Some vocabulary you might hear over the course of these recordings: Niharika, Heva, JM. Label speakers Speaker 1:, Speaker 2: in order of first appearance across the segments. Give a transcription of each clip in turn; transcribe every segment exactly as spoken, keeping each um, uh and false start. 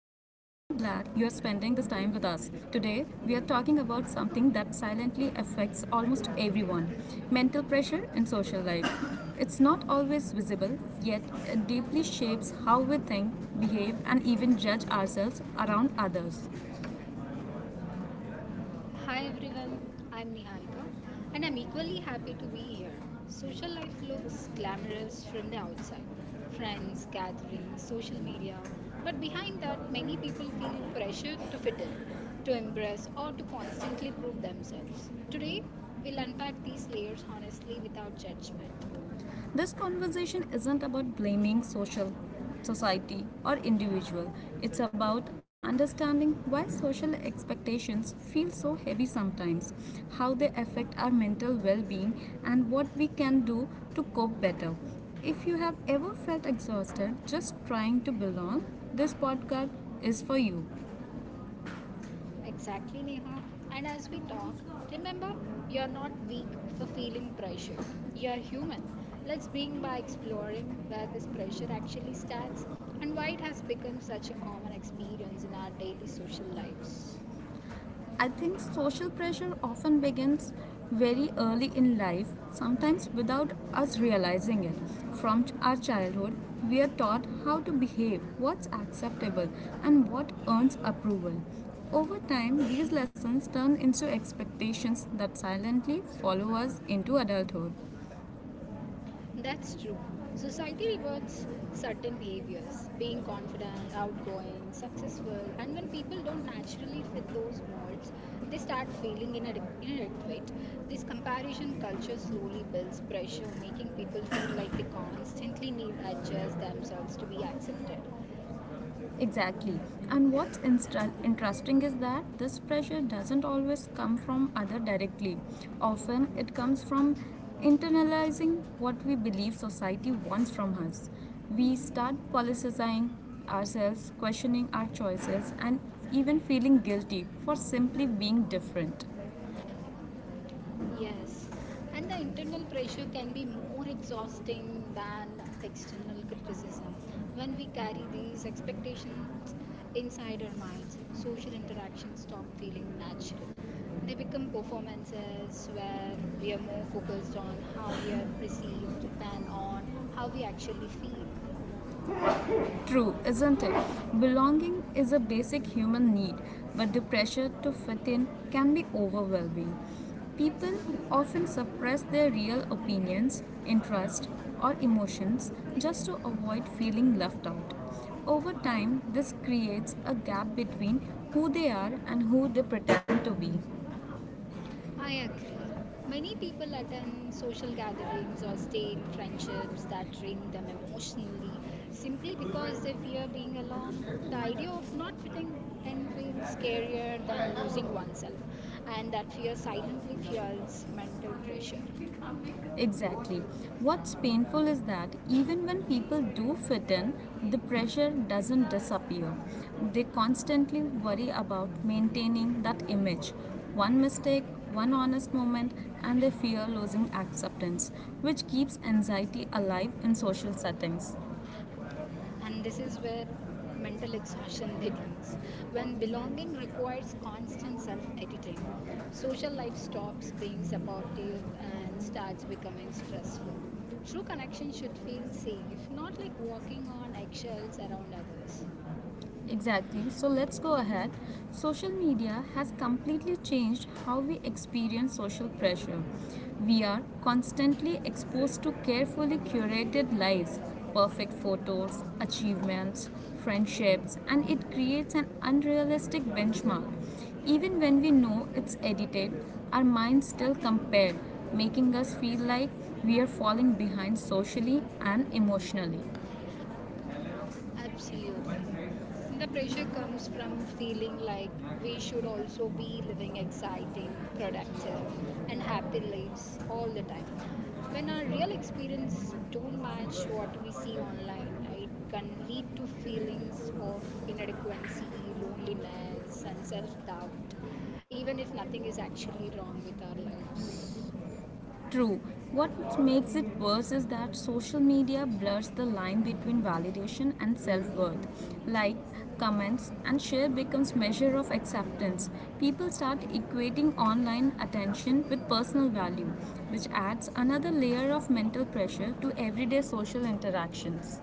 Speaker 1: with us. Today, we are talking about something that silently affects almost everyone mental pressure in social life. It's not always visible, yet, it deeply shapes how we think, behave, and even judge ourselves around others.
Speaker 2: Hi everyone, I'm Niharika and I'm equally happy to be here. Social life looks glamorous from the outside friends, gatherings, social media. But behind that, many people feel pressure to fit in, to impress, or to constantly prove themselves. Today, we'll unpack these layers honestly without judgment.
Speaker 1: This conversation isn't about blaming social society or individual. It's about understanding why social expectations feel so heavy sometimes, how they affect our mental well-being and what we can do to cope better. If you have ever felt exhausted just trying to belong, this podcast is for you.
Speaker 2: Exactly, Neha. And as we talk, remember you're not weak for feeling pressured. You're human. Let's begin by exploring where this pressure actually starts and why it has become such a common experience in our daily social lives.
Speaker 1: I think social pressure often begins very early in life, sometimes without us realizing it. From our childhood, we are taught how to behave, what's acceptable, and what earns approval. Over time, these lessons turn into expectations that silently follow us into adulthood.
Speaker 2: That's true. Society rewards certain behaviors, being confident, outgoing, successful, and when people don't naturally fit those molds, they start feeling inadequ- inadequate. This comparison culture slowly builds pressure, making people feel like they constantly need to adjust themselves to be accepted.
Speaker 1: Exactly. And what's instra- interesting is that this pressure doesn't always come from other directly. Often it comes from internalizing what we believe society wants from us. We start politicizing ourselves, questioning our choices and even feeling guilty for simply being different.
Speaker 2: Yes, and the internal pressure can be more exhausting than external criticism. When we carry these expectations inside our minds, social interactions stop feeling natural. They become performances where we are more focused on how we are perceived than on how we actually feel.
Speaker 1: True, isn't it? Belonging is a basic human need, but the pressure to fit in can be overwhelming. People often suppress their real opinions, interests, or emotions just to avoid feeling left out. Over time, this creates a gap between who they are and who they pretend to be.
Speaker 2: I agree. Many people attend social gatherings or stay in friendships that drain them emotionally simply because they fear being alone. The idea of not fitting in feels scarier than losing oneself, and that fear silently fuels mental pressure.
Speaker 1: Exactly. What's painful is that even when people do fit in, the pressure doesn't disappear. They constantly worry about maintaining that image. One mistake, one honest moment, and they fear losing acceptance, which keeps anxiety alive in social settings.
Speaker 2: And this is where mental exhaustion begins. When belonging requires constant self editing, social life stops being supportive and starts becoming stressful. True connection should feel safe, not like walking on eggshells around others.
Speaker 1: Exactly. So let's go ahead. Social media has completely changed how we experience social pressure. We are constantly exposed to carefully curated lives, perfect photos, achievements, friendships, and it creates an unrealistic benchmark. Even when we know it's edited, our minds still compare, making us feel like we are falling behind socially and emotionally.
Speaker 2: Absolutely. The pressure comes from feeling like we should also be living exciting, productive, and happy lives all the time. When our real experience don't match what we see online, it can lead to feelings of inadequacy, loneliness, and self-doubt, even if nothing is actually wrong with our lives.
Speaker 1: True. What makes it worse is that social media blurs the line between validation and self-worth. Like comments and share becomes measure of acceptance. People start equating online attention with personal value, which adds another layer of mental pressure to everyday social interactions.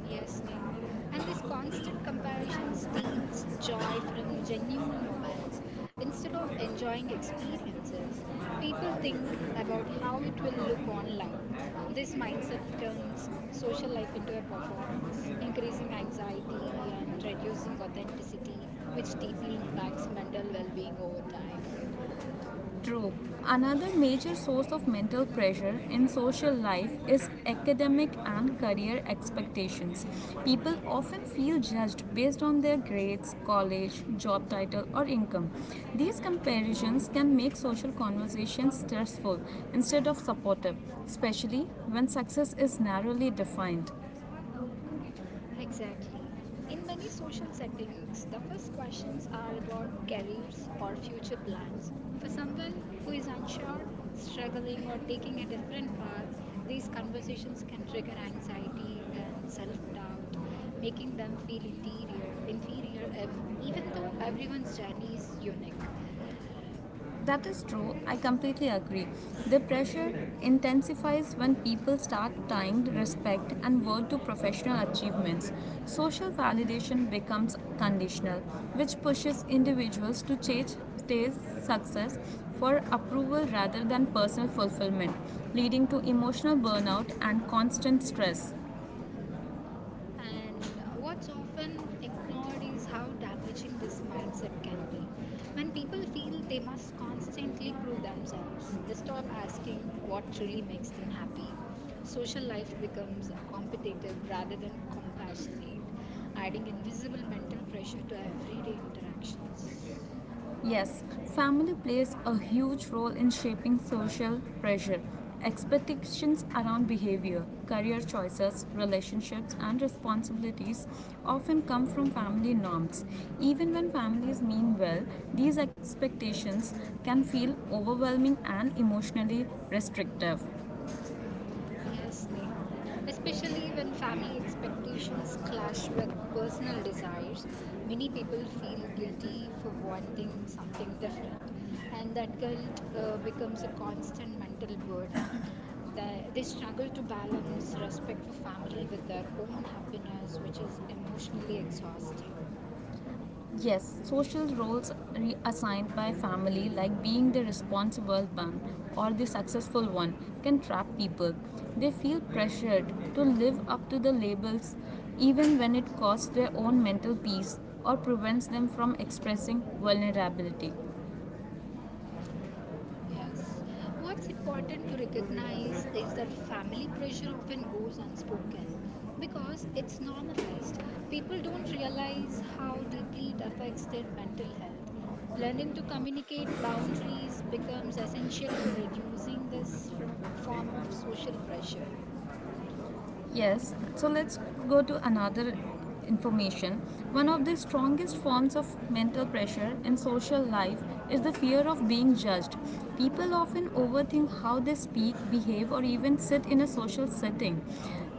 Speaker 2: Yes, Neha. And this constant comparison steals joy from genuine moments. Instead of enjoying experiences, people think about how it will look online. This mindset turns social life into a performance, increasing anxiety and reducing authenticity, which deeply impacts mental well being over time.
Speaker 1: True. Another major source of mental pressure in social life is academic and career expectations. People often feel judged based on their grades, college, job title, or income. These comparisons can make social conversations stressful instead of supportive, especially when success is narrowly defined.
Speaker 2: Exactly. In many social settings, the first questions are about careers or future plans. For someone who is unsure, struggling, or taking a different path, these conversations can trigger anxiety and self doubt, making them feel interior, inferior, ev- even though everyone's journey is unique.
Speaker 1: That is true. I completely agree. The pressure intensifies when people start tying respect and worth to professional achievements. Social validation becomes conditional, which pushes individuals to chase chase success for approval rather than personal fulfillment, leading to emotional burnout and constant stress.
Speaker 2: And what's often ignored is how damaging this mindset can be. When people feel they must constantly prove themselves, they stop asking what truly makes them happy. Social life becomes competitive rather than compassionate, adding invisible mental pressure to everyday interactions.
Speaker 1: Yes, family plays a huge role in shaping social pressure, expectations around behavior, career choices, relationships, and responsibilities often come from family norms. Even when families mean well, these expectations can feel overwhelming and emotionally restrictive.
Speaker 2: Yes, Neha. Especially when family expectations clash with personal desires, many people feel guilty for wanting something different, and that guilt uh, becomes a constant mental burden. They, they struggle to balance respect for family with their own happiness, which is emotionally exhausting.
Speaker 1: Yes, social roles re- assigned by family, like being the responsible one or the successful one, can trap people. They feel pressured to live up to the labels even when it costs their own mental peace or prevents them from expressing vulnerability.
Speaker 2: Yes. What's important to recognize is that family pressure often goes unspoken because it's normalized. People don't realize how deeply it affects their mental health. Learning to communicate boundaries becomes essential for reducing this fro- form of social pressure.
Speaker 1: Yes, so let's go to another information. One of the strongest forms of mental pressure in social life is the fear of being judged. People often overthink how they speak, behave, or even sit in a social setting.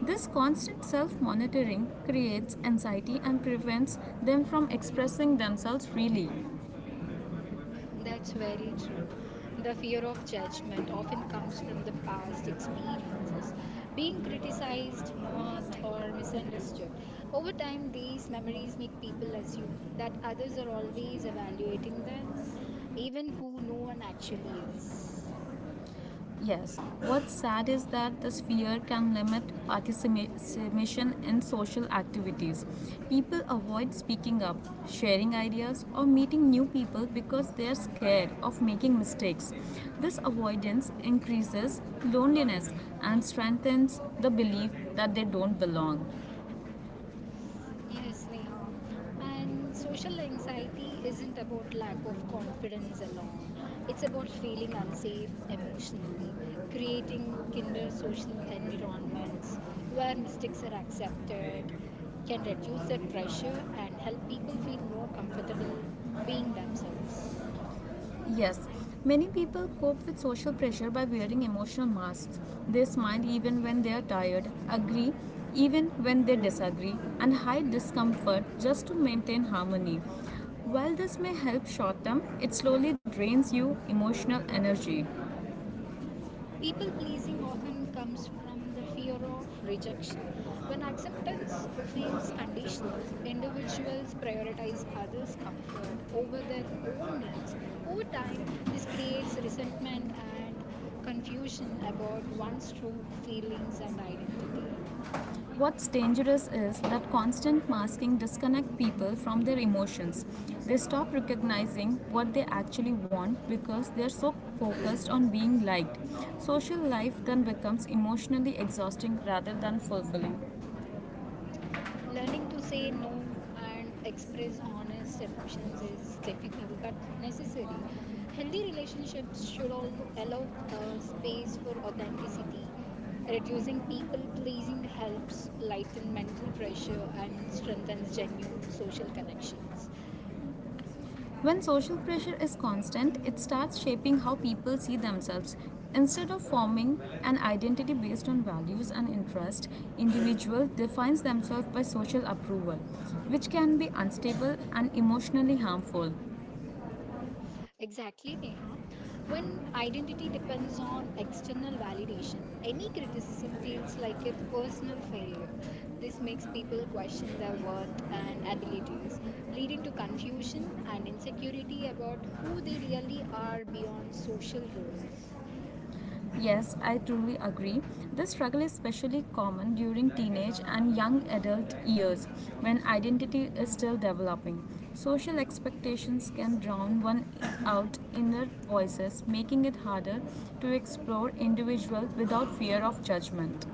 Speaker 1: This constant self monitoring creates anxiety and prevents them from expressing themselves freely.
Speaker 2: That's very true. The fear of judgment often comes from the past experiences, being criticized, mocked, or misunderstood. Over time, these memories make people assume that others are always evaluating them, even who no one actually is.
Speaker 1: Yes. What's sad is that this fear can limit participation in social activities. People avoid speaking up, sharing ideas, or meeting new people because they are scared of making mistakes. This avoidance increases loneliness and strengthens the belief that they don't belong.
Speaker 2: Yes, Neha. And social anxiety isn't about lack of confidence alone. It's about feeling unsafe emotionally, creating kinder social environments where mistakes are accepted can reduce that pressure and help people feel more comfortable being themselves.
Speaker 1: Yes, many people cope with social pressure by wearing emotional masks. They smile even when they are tired, agree even when they disagree, and hide discomfort just to maintain harmony. While this may help short term, it slowly drains you emotional energy.
Speaker 2: People pleasing often comes from the fear of rejection. When acceptance feels conditional, individuals prioritize others' comfort over their own needs. Over time, this creates resentment and confusion about one's true feelings and identity.
Speaker 1: What's dangerous is that constant masking disconnects people from their emotions. They stop recognizing what they actually want because they're so focused on being liked. Social life then becomes emotionally exhausting rather than fulfilling.
Speaker 2: Learning to say no and express honest emotions is difficult but necessary. Healthy relationships should al- allow uh, space for authenticity. Reducing people pleasing helps lighten mental pressure and strengthens genuine social connections.
Speaker 1: When social pressure is constant, it starts shaping how people see themselves. Instead of forming an identity based on values and interests, individuals defines themselves by social approval, which can be unstable and emotionally harmful.
Speaker 2: Exactly, Neha. When identity depends on external validation, any criticism feels like a personal failure. This makes people question their worth and abilities, leading to confusion and insecurity about who they really are beyond social roles.
Speaker 1: Yes, I truly agree. This struggle is especially common during teenage and young adult years when identity is still developing. Social expectations can drown one out inner voices, making it harder to explore individuals without fear of judgment.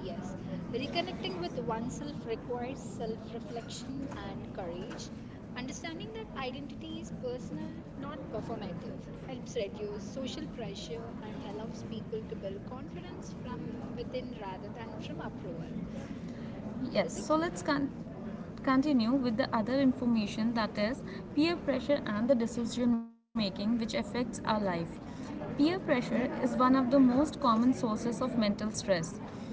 Speaker 2: Yes, reconnecting with oneself requires self reflection and courage. Understanding that identity is personal, not performative, helps reduce social pressure and allows people to build confidence from within rather than from approval.
Speaker 1: Yes,
Speaker 2: Is
Speaker 1: so
Speaker 2: it?
Speaker 1: let's con- continue with the other information that is peer pressure and the decision making which affects our life. Peer pressure is one of the most common sources of mental stress.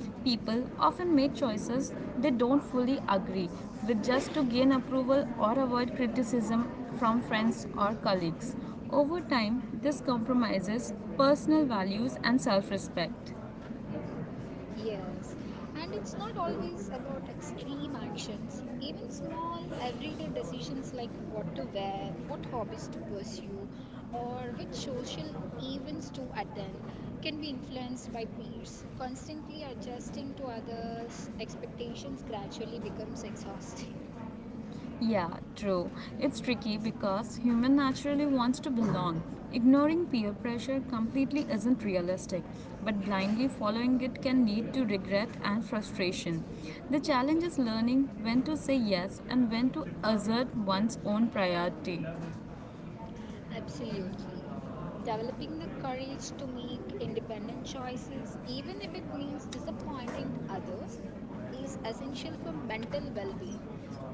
Speaker 1: People often make choices they don't fully agree with just to gain approval or avoid criticism from friends or colleagues. Over time, this compromises personal values and self respect.
Speaker 2: Yes, and it's not always about extreme actions. Even small, everyday decisions like what to wear, what hobbies to pursue, or which social events to attend can be influenced by peers. Constantly adjusting to others' expectations gradually becomes exhausting.
Speaker 1: Yeah, true. It's tricky because human naturally wants to belong. Ignoring peer pressure completely isn't realistic, but blindly following it can lead to regret and frustration. The challenge is learning when to say yes and when to assert one's own priority.
Speaker 2: Absolutely. Developing the courage to make independent choices, even if it means disappointing others, is essential for mental well being.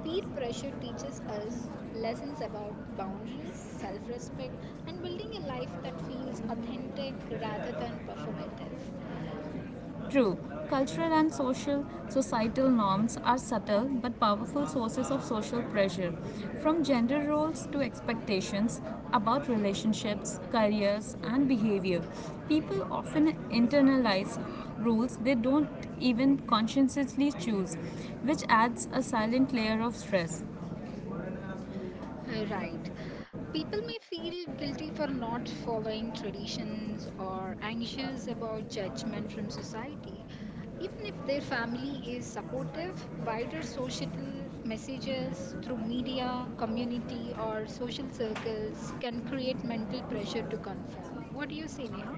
Speaker 2: Peer pressure teaches us lessons about boundaries, self respect, and building a life that feels authentic rather than performative.
Speaker 1: True, cultural and social societal norms are subtle but powerful sources of social pressure, from gender roles to expectations about relationships, careers, and behavior. People often internalize rules they don't even consciously choose, which adds a silent layer of stress.
Speaker 2: Uh, Right. People may feel guilty for not following traditions or anxious about judgment from society. Even if their family is supportive, wider societal messages through media, community, or social circles can create mental pressure to conform. What do you say, Neha?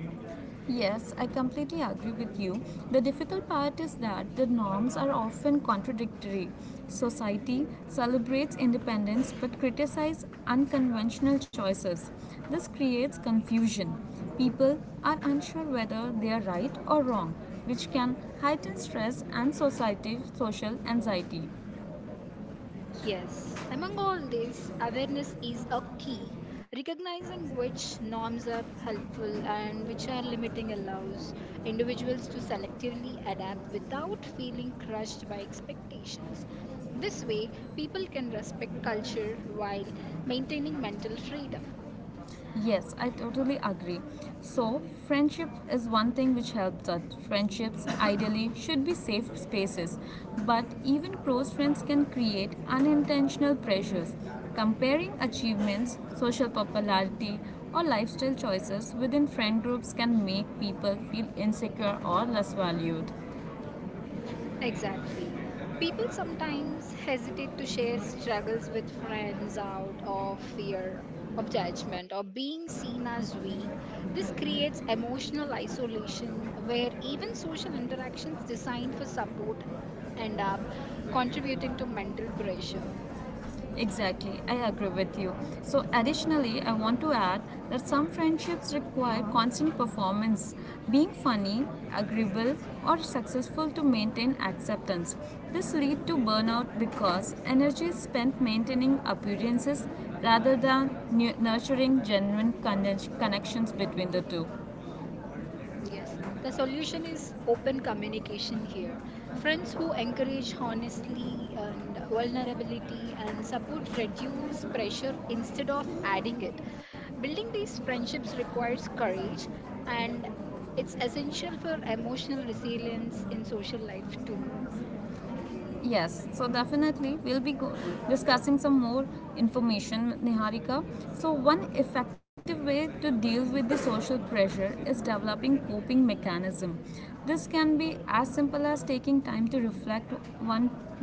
Speaker 1: Yes, I completely agree with you. The difficult part is that the norms are often contradictory. Society celebrates independence but criticizes unconventional choices. This creates confusion. People are unsure whether they are right or wrong, which can heighten stress and society social anxiety.
Speaker 2: Yes, among all this, awareness is a key. Recognizing which norms are helpful and which are limiting allows individuals to selectively adapt without feeling crushed by expectations. This way, people can respect culture while maintaining mental freedom.
Speaker 1: Yes, I totally agree. So, friendship is one thing which helps us. Friendships ideally should be safe spaces, but even close friends can create unintentional pressures. Comparing achievements, social popularity, or lifestyle choices within friend groups can make people feel insecure or less valued.
Speaker 2: Exactly. People sometimes hesitate to share struggles with friends out of fear of judgment or being seen as weak. This creates emotional isolation where even social interactions designed for support end up contributing to mental pressure.
Speaker 1: Exactly, I agree with you. So, additionally, I want to add that some friendships require constant performance, being funny, agreeable, or successful to maintain acceptance. This leads to burnout because energy is spent maintaining appearances rather than nu- nurturing genuine conne- connections between the two.
Speaker 2: Yes, the solution is open communication here. Friends who encourage honesty and vulnerability and support reduce pressure instead of adding it. Building these friendships requires courage and it's essential for emotional resilience in social life too.
Speaker 1: Yes, so definitely we'll be go- discussing some more information with Niharika. So, one effective way to deal with the social pressure is developing coping mechanism. This can be as simple as taking time to reflect one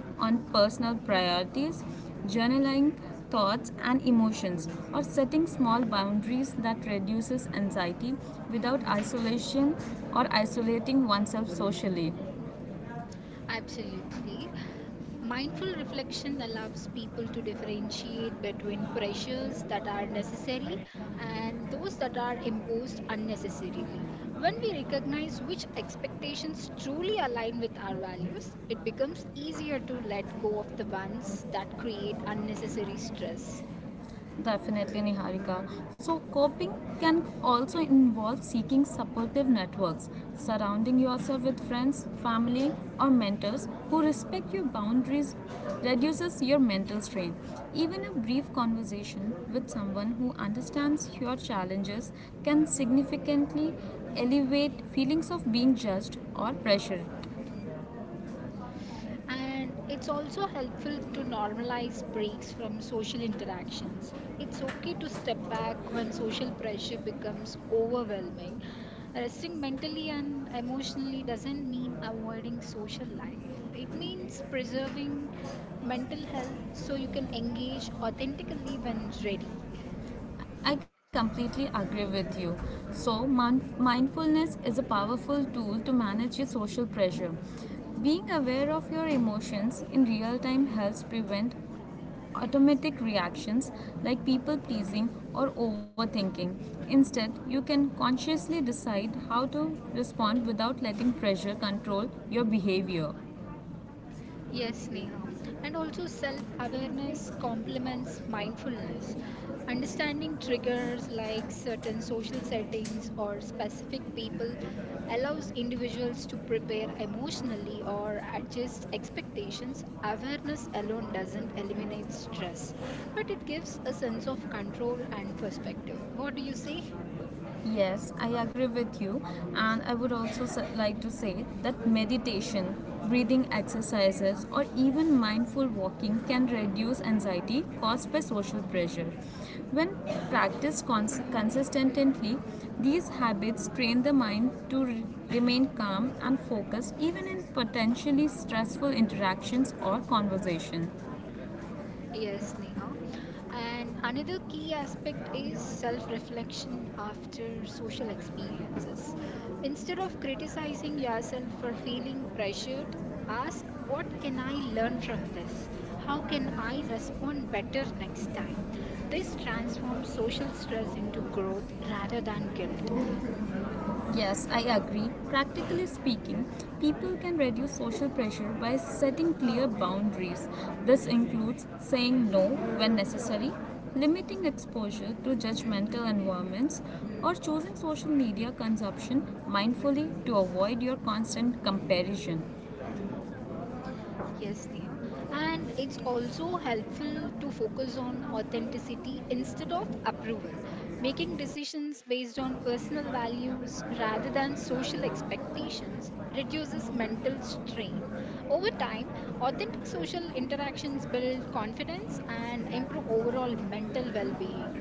Speaker 1: on personal priorities, journaling thoughts and emotions, or setting small boundaries that reduces anxiety without isolation or isolating oneself socially.
Speaker 2: Absolutely. Mindful reflection allows people to differentiate between pressures that are necessary and those that are imposed unnecessarily. When we recognize which expectations truly align with our values, it becomes easier to let go of the ones that create unnecessary stress.
Speaker 1: Definitely, Niharika. So, coping can also involve seeking supportive networks, surrounding yourself with friends, family, or mentors who respect your boundaries reduces your mental strain. Even a brief conversation with someone who understands your challenges can significantly elevate feelings of being judged or pressured.
Speaker 2: And it's also helpful to normalize breaks from social interactions. It's okay to step back when social pressure becomes overwhelming. Resting mentally and emotionally doesn't mean avoiding social life, it means preserving mental health so you can engage authentically when ready.
Speaker 1: I completely agree with you. So, mon- mindfulness is a powerful tool to manage your social pressure. Being aware of your emotions in real time helps prevent automatic reactions like people pleasing or overthinking. Instead, you can consciously decide how to respond without letting pressure control your behavior.
Speaker 2: Yes, Neha. And also, self awareness complements mindfulness. Understanding triggers like certain social settings or specific people allows individuals to prepare emotionally or adjust expectations. Awareness alone doesn't eliminate stress, but it gives a sense of control and perspective. What do you say?
Speaker 1: Yes, I agree with you, and I would also s- like to say that meditation, breathing exercises, or even mindful walking can reduce anxiety caused by social pressure. When practiced cons- consistently, these habits train the mind to re- remain calm and focused even in potentially stressful interactions or conversation.
Speaker 2: Yes, Neha. And another key aspect is self reflection after social experiences. Instead of criticizing yourself for feeling pressured, ask what can I learn from this? How can I respond better next time? This transforms social stress into growth rather than guilt.
Speaker 1: Yes, I agree. Practically speaking, people can reduce social pressure by setting clear boundaries. This includes saying no when necessary, limiting exposure to judgmental environments, or choosing social media consumption mindfully to avoid your constant comparison.
Speaker 2: Yes, Neha. And it's also helpful to focus on authenticity instead of approval, making decisions based on personal values rather than social expectations reduces mental strain. Over time, authentic social interactions build confidence and improve overall mental well being.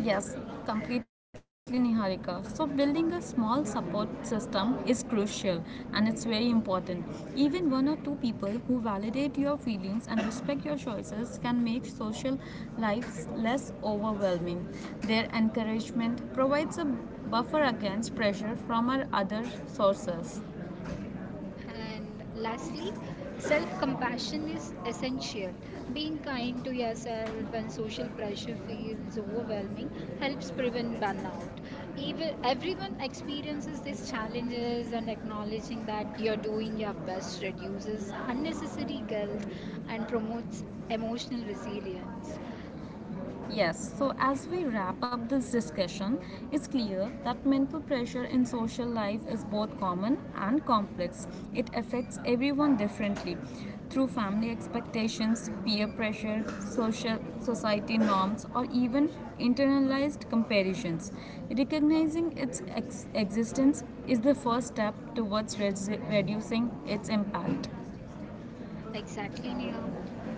Speaker 1: Yes, completely Niharika. So, building a small support system is crucial and it's very important. Even one or two people who validate your feelings and respect your choices can make social life less overwhelming. Their encouragement provides a buffer against pressure from our other sources.
Speaker 2: And lastly, self compassion is essential. Being kind to yourself when social pressure feels overwhelming helps prevent burnout. Even, everyone experiences these challenges, and acknowledging that you're doing your best reduces unnecessary guilt and promotes emotional resilience.
Speaker 1: Yes, so as we wrap up this discussion, it's clear that mental pressure in social life is both common and complex. It affects everyone differently through family expectations, peer pressure, social society norms, or even internalized comparisons. Recognizing its ex- existence is the first step towards res- reducing its impact.
Speaker 2: Exactly, Neha.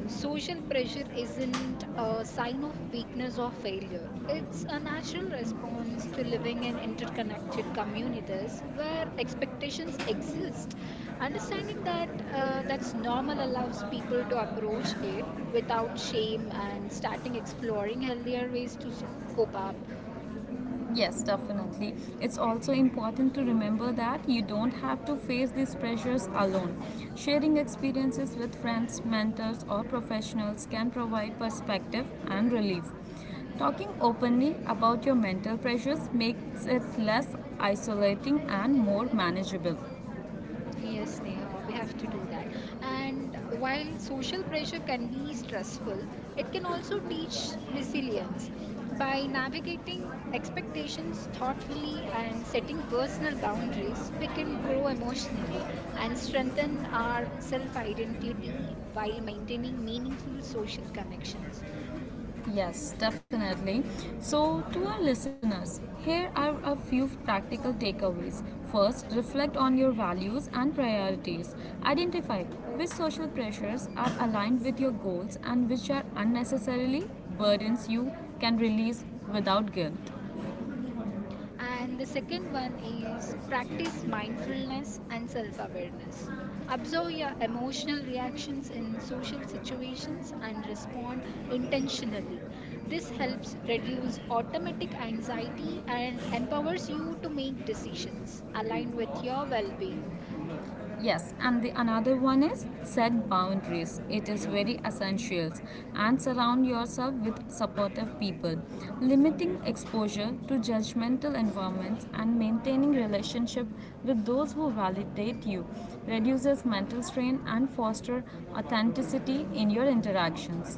Speaker 2: Social pressure isn't a sign of weakness or failure. It's a natural response to living in interconnected communities where expectations exist. Understanding that uh, that's normal allows people to approach it without shame and starting exploring healthier ways to s- cope up.
Speaker 1: Yes, definitely. It's also important to remember that you don't have to face these pressures alone. Sharing experiences with friends, mentors, or professionals can provide perspective and relief. Talking openly about your mental pressures makes it less isolating and more manageable.
Speaker 2: Yes, Neha, we have to do that. And while social pressure can be stressful, it can also teach resilience. By navigating expectations thoughtfully and setting personal boundaries, we can grow emotionally and strengthen our self identity while maintaining meaningful social connections.
Speaker 1: Yes, definitely. So, to our listeners, here are a few practical takeaways. First, reflect on your values and priorities. Identify which social pressures are aligned with your goals and which are unnecessarily burdens you can release without guilt.
Speaker 2: And the second one is practice mindfulness and self awareness. Observe your emotional reactions in social situations and respond intentionally. This helps reduce automatic anxiety and empowers you to make decisions aligned with your well being.
Speaker 1: Yes, and the another one is set boundaries. It is very essential and surround yourself with supportive people. Limiting exposure to judgmental environments and maintaining relationship with those who validate you reduces mental strain and foster authenticity in your interactions.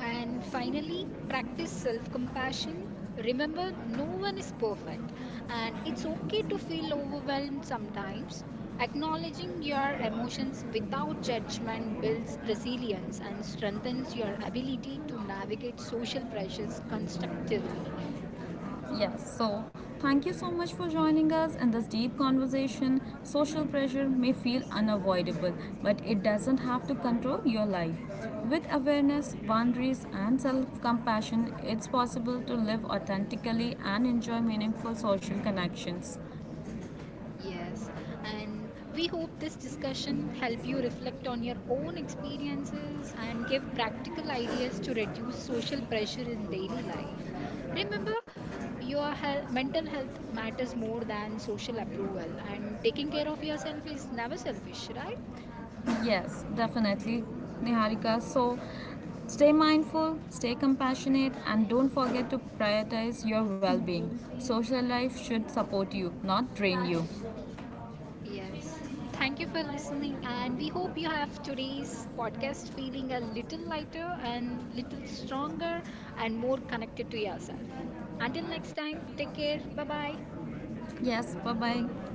Speaker 2: And finally, practice self compassion. Remember, no one is perfect, and it's okay to feel overwhelmed sometimes. Acknowledging your emotions without judgment builds resilience and strengthens your ability to navigate social pressures constructively.
Speaker 1: Yes, so thank you so much for joining us in this deep conversation. Social pressure may feel unavoidable, but it doesn't have to control your life. With awareness, boundaries, and self compassion, it's possible to live authentically and enjoy meaningful social connections.
Speaker 2: Yes, and we hope this discussion help you reflect on your own experiences and give practical ideas to reduce social pressure in daily life. Remember, your health, mental health matters more than social approval, and taking care of yourself is never selfish, right?
Speaker 1: Yes, definitely, Niharika. So stay mindful, stay compassionate, and don't forget to prioritize your well being. Social life should support you, not drain you.
Speaker 2: Yes. Thank you for listening, and we hope you have today's podcast feeling a little lighter and little stronger and more connected to yourself. Until next time, take care. Bye bye.
Speaker 1: Yes, bye bye.